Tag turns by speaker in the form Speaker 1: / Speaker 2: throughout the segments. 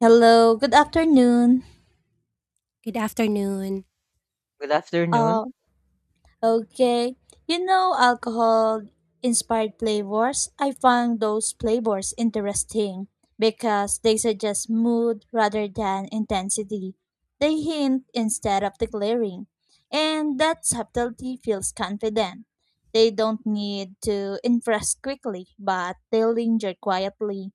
Speaker 1: Hello, good afternoon.
Speaker 2: Good afternoon.
Speaker 3: Good afternoon.
Speaker 1: Uh, okay. You know alcohol inspired flavors? I found those flavors interesting because they suggest mood rather than intensity. They hint instead of declaring, and that subtlety feels confident. They don't need to impress quickly, but they linger quietly.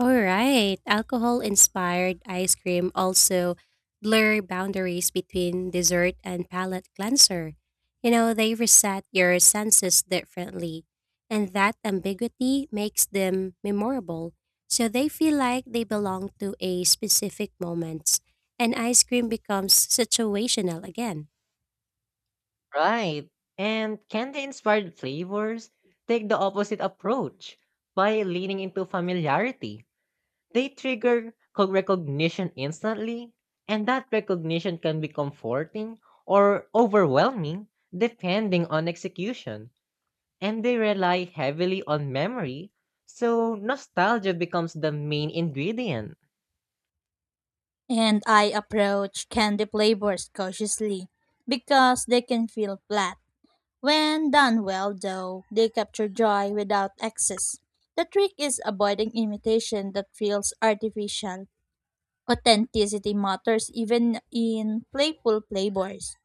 Speaker 2: All right. Alcohol inspired ice cream also blur boundaries between dessert and palate cleanser. You know, they reset your senses differently, and that ambiguity makes them memorable. So they feel like they belong to a specific moment, and ice cream becomes situational again.
Speaker 3: Right. And candy inspired flavors take the opposite approach by leaning into familiarity. They trigger recognition instantly, and that recognition can be comforting or overwhelming depending on execution. And they rely heavily on memory, so nostalgia becomes the main ingredient.
Speaker 1: And I approach candy flavors cautiously because they can feel flat. When done well, though, they capture joy without excess. The trick is avoiding imitation that feels artificial. Authenticity matters even in playful flavors.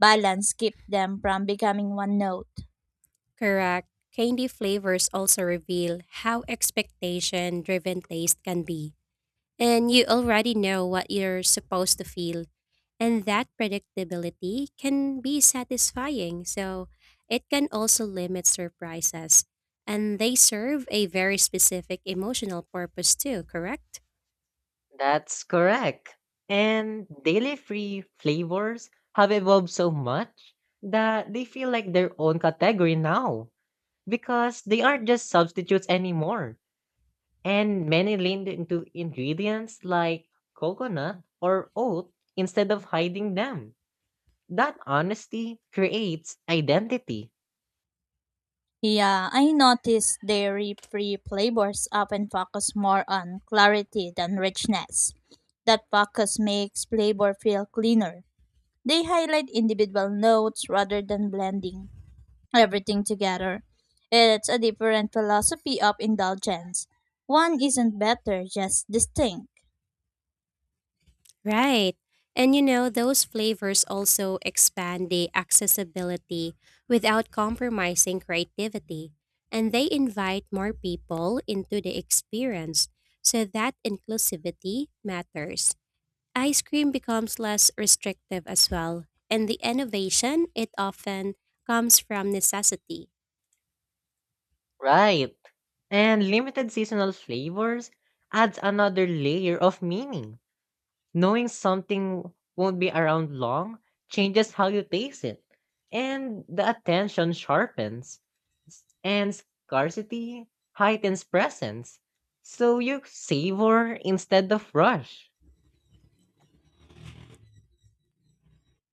Speaker 1: Balance keeps them from becoming one note.
Speaker 2: Correct. Candy flavors also reveal how expectation driven taste can be, and you already know what you're supposed to feel. And that predictability can be satisfying, so it can also limit surprises. And they serve a very specific emotional purpose too, correct?
Speaker 3: That's correct. And daily free flavors have evolved so much that they feel like their own category now because they aren't just substitutes anymore. And many leaned into ingredients like coconut or oat instead of hiding them. That honesty creates identity.
Speaker 1: Yeah, I noticed dairy-free flavors often focus more on clarity than richness. That focus makes flavor feel cleaner. They highlight individual notes rather than blending everything together. It's a different philosophy of indulgence. One isn't better, just distinct.
Speaker 2: Right. And you know, those flavors also expand the accessibility without compromising creativity. And they invite more people into the experience, so that inclusivity matters. Ice cream becomes less restrictive as well, and the innovation it often comes from necessity.
Speaker 3: Right. And limited seasonal flavors adds another layer of meaning. Knowing something won't be around long changes how you taste it, and the attention sharpens. And scarcity heightens presence, so you savor instead of rush.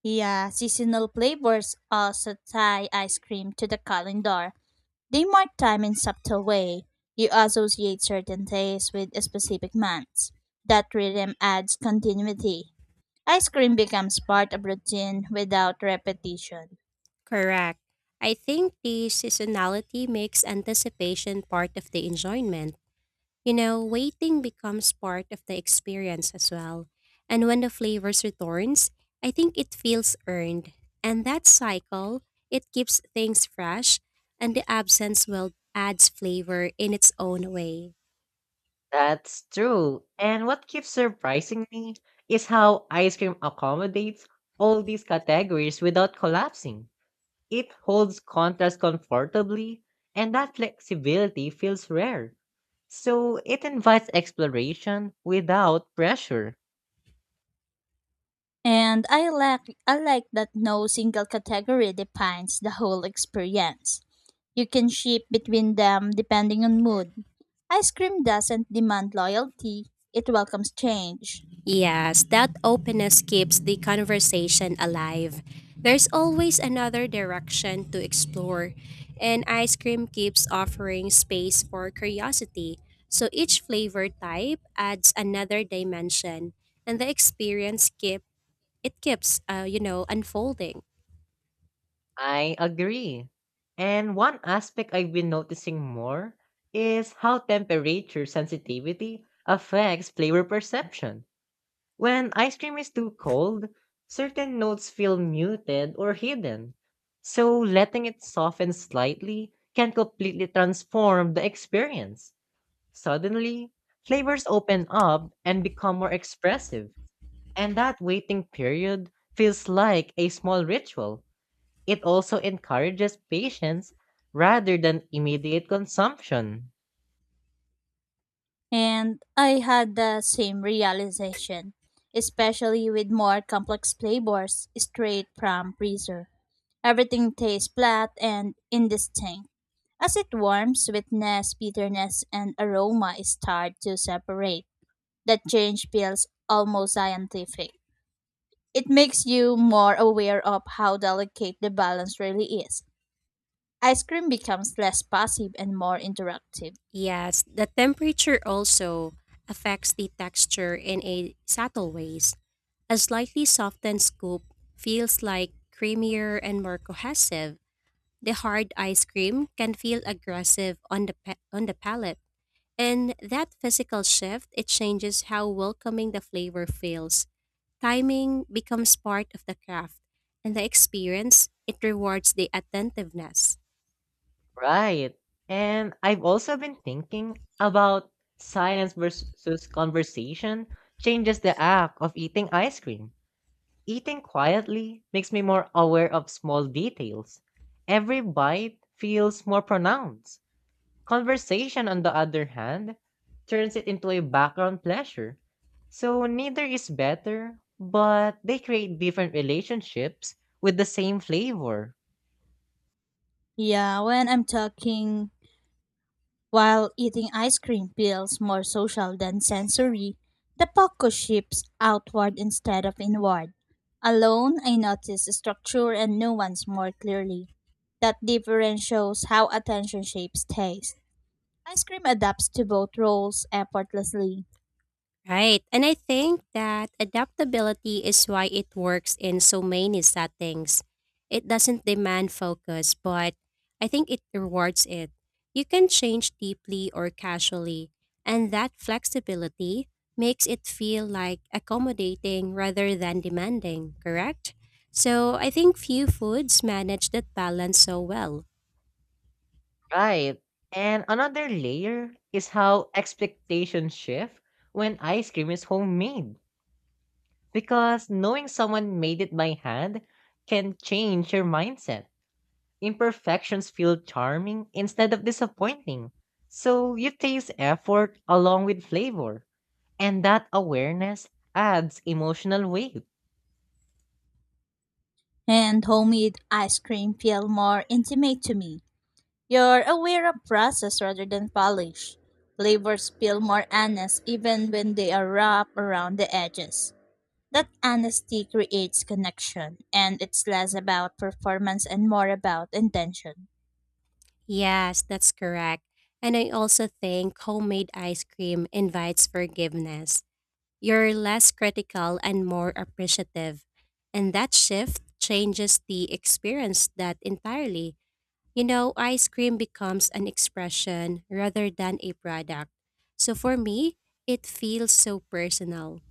Speaker 1: Yeah, seasonal flavors also tie ice cream to the calendar. They mark time in subtle way. You associate certain days with specific months. That rhythm adds continuity. Ice cream becomes part of routine without repetition.
Speaker 2: Correct. I think the seasonality makes anticipation part of the enjoyment. You know, waiting becomes part of the experience as well. And when the flavors returns, I think it feels earned. And that cycle, it keeps things fresh and the absence will adds flavor in its own way.
Speaker 3: That's true. And what keeps surprising me is how ice cream accommodates all these categories without collapsing. It holds contrast comfortably, and that flexibility feels rare. So it invites exploration without pressure.
Speaker 1: And I like that no single category defines the whole experience. You can shift between them depending on mood. Ice cream doesn't demand loyalty, it welcomes change.
Speaker 2: Yes, that openness keeps the conversation alive. There's always another direction to explore, and ice cream keeps offering space for curiosity. So each flavor type adds another dimension, and the experience keeps you know unfolding.
Speaker 3: I agree. And one aspect I've been noticing more is how temperature sensitivity affects flavor perception. When ice cream is too cold, certain notes feel muted or hidden. So letting it soften slightly can completely transform the experience. Suddenly, flavors open up and become more expressive. And that waiting period feels like a small ritual. It also encourages patience rather than immediate consumption.
Speaker 1: And I had the same realization, especially with more complex flavors straight from freezer. Everything tastes flat and indistinct. As it warms, sweetness, bitterness, and aroma start to separate. That change feels almost scientific. It makes you more aware of how delicate the balance really is. Ice cream becomes less passive and more interactive.
Speaker 2: Yes, the temperature also affects the texture in a subtle ways. A slightly softened scoop feels like creamier and more cohesive. The hard ice cream can feel aggressive on the on the palate, and that physical shift it changes how welcoming the flavor feels. Timing becomes part of the craft, and the experience it rewards the attentiveness.
Speaker 3: Right. And I've also been thinking about silence versus conversation changes the act of eating ice cream. Eating quietly makes me more aware of small details. Every bite feels more pronounced. Conversation, on the other hand, turns it into a background pleasure. So neither is better, but they create different relationships with the same flavor.
Speaker 1: Yeah, when I'm talking while eating ice cream feels more social than sensory. The focus shifts outward instead of inward. Alone, I notice structure and nuance more clearly. That difference shows how attention shapes taste. Ice cream adapts to both roles effortlessly,
Speaker 2: Right. And I think that adaptability is why it works in so many settings. It doesn't demand focus, but I think it rewards it. You can change deeply or casually, and that flexibility makes it feel like accommodating rather than demanding, correct? So I think few foods manage that balance so well.
Speaker 3: Right. And another layer is how expectations shift when ice cream is homemade. Because knowing someone made it by hand can change your mindset. Imperfections feel charming instead of disappointing. So you taste effort along with flavor. And that awareness adds emotional weight.
Speaker 1: and homemade ice cream feel more intimate to me. You're aware of process rather than polish. Flavors feel more honest even when they are wrapped around the edges. That honesty creates connection, and it's less about performance and more about intention.
Speaker 2: Yes, that's correct. And I also think homemade ice cream invites forgiveness. You're less critical and more appreciative. And that shift changes the experience that entirely. You know, ice cream becomes an expression rather than a product. So for me, it feels so personal.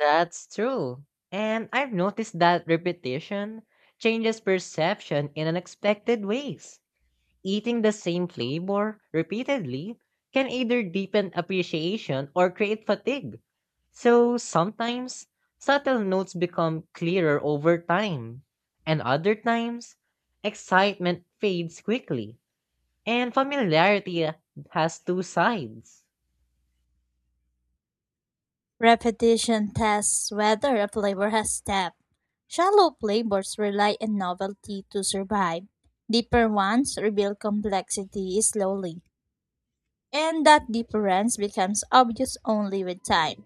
Speaker 3: That's true. And I've noticed that repetition changes perception in unexpected ways. Eating the same flavor repeatedly can either deepen appreciation or create fatigue. So sometimes subtle notes become clearer over time, and other times excitement fades quickly. And familiarity has two sides.
Speaker 1: Repetition tests whether a flavor has depth. Shallow flavors rely on novelty to survive. Deeper ones reveal complexity slowly, and that difference becomes obvious only with time.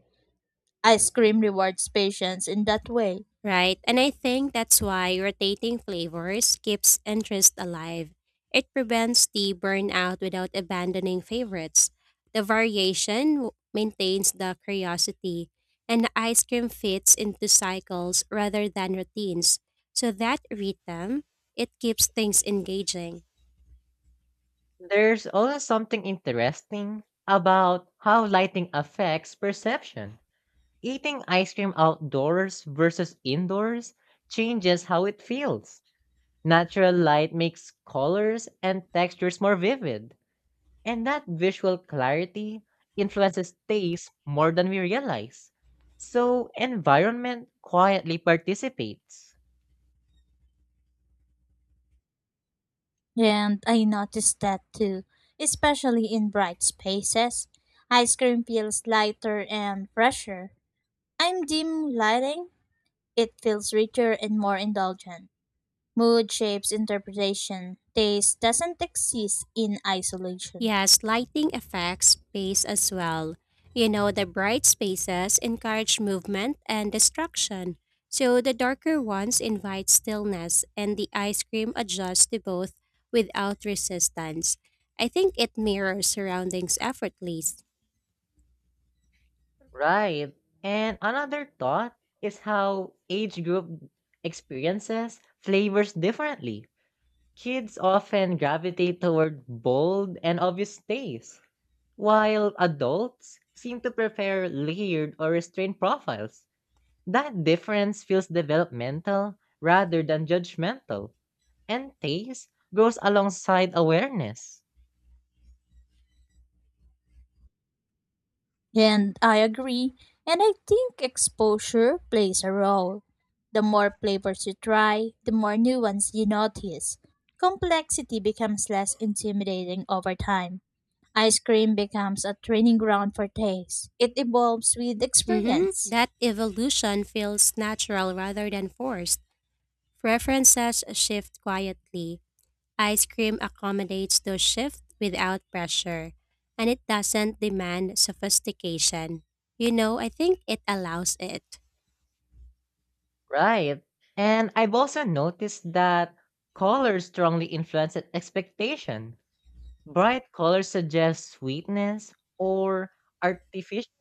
Speaker 1: Ice cream rewards patience in that way,
Speaker 2: Right, and I think that's why rotating flavors keeps interest alive. It prevents the burnout without abandoning favorites. The maintains the curiosity, and the ice cream fits into cycles rather than routines. So that rhythm, it keeps things engaging.
Speaker 3: There's also something interesting about how lighting affects perception. Eating ice cream outdoors versus indoors changes how it feels. Natural light makes colors and textures more vivid, and that visual clarity influences taste more than we realize. So, environment quietly participates.
Speaker 1: and I noticed that too, especially in bright spaces. Ice cream feels lighter and fresher. I'm dim lighting, it feels richer and more indulgent. Mood shapes interpretation. Taste doesn't exist in isolation.
Speaker 2: Yes, lighting affects space as well. You know, the bright spaces encourage movement and distraction, so the darker ones invite stillness, and the ice cream adjusts to both without resistance. I think it mirrors surroundings effortlessly.
Speaker 3: Right. And another thought is how age group experiences flavors differently. Kids often gravitate toward bold and obvious tastes, while adults seem to prefer layered or restrained profiles. That difference feels developmental rather than judgmental, and taste grows alongside awareness.
Speaker 1: And I agree. And I think exposure plays a role. The more flavors you try, the more nuance you notice. Complexity becomes less intimidating over time. Ice cream becomes a training ground for taste. It evolves with
Speaker 2: Mm-hmm.
Speaker 1: experience.
Speaker 2: That evolution feels natural rather than forced. Preferences shift quietly. Ice cream accommodates those shifts without pressure, and it doesn't demand sophistication. You know, I think it allows it.
Speaker 3: Right. And I've also noticed that color strongly influences expectation. Bright colors suggest sweetness, or artificial,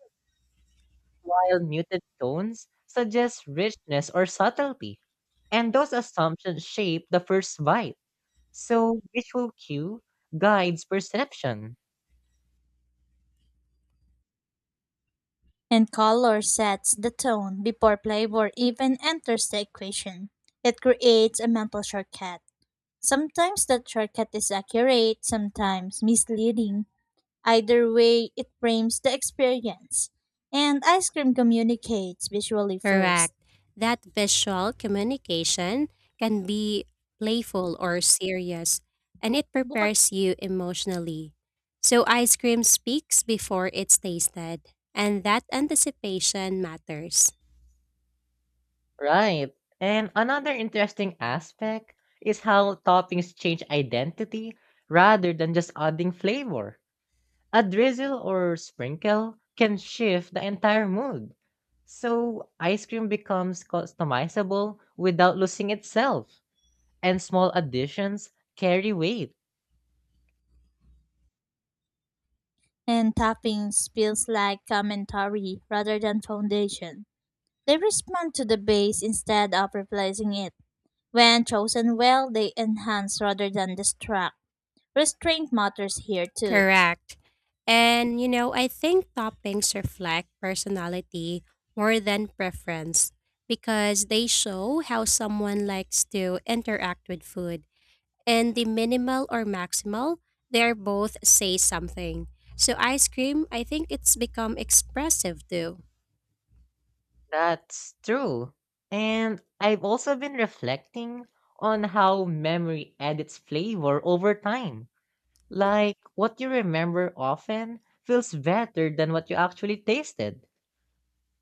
Speaker 3: while muted tones suggest richness or subtlety. And those assumptions shape the first bite. So visual cue guides perception.
Speaker 1: And color sets the tone before flavor even enters the equation. It creates a mental shortcut. Sometimes the shortcut is accurate, sometimes misleading. Either way, it frames the experience. And ice cream communicates visually first.
Speaker 2: Correct. That visual communication can be playful or serious, and it
Speaker 1: Bukod-
Speaker 2: prepares you emotionally. So, ice cream speaks before it's tasted, and that anticipation matters.
Speaker 3: Right. And another interesting aspect is how toppings change identity rather than just adding flavor. A drizzle or sprinkle can shift the entire mood. So, ice cream becomes customizable without losing itself, and small additions carry weight.
Speaker 1: And toppings feels like commentary rather than foundation. They respond to the base instead of replacing it. When chosen well, they enhance rather than distract. Restraint matters here too.
Speaker 2: Correct. And you know, I think toppings reflect personality more than preference because they show how someone likes to interact with food. And the minimal or maximal, they're both say something. So ice cream, I think it's become expressive too.
Speaker 3: That's true. And I've also been reflecting on how memory edits flavor over time. Like, what you remember often feels better than what you actually tasted.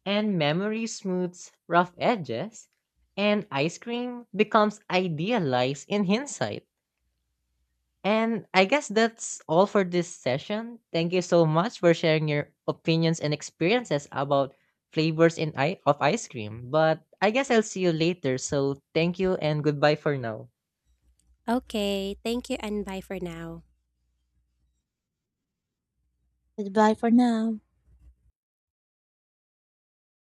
Speaker 3: And memory smooths rough edges, and ice cream becomes idealized in hindsight. And I guess that's all for this session. Thank you so much for sharing your opinions and experiences about flavors in of ice cream. But I guess I'll see you later. So thank you and goodbye for now.
Speaker 2: Okay, thank you and bye for now.
Speaker 1: Goodbye for now.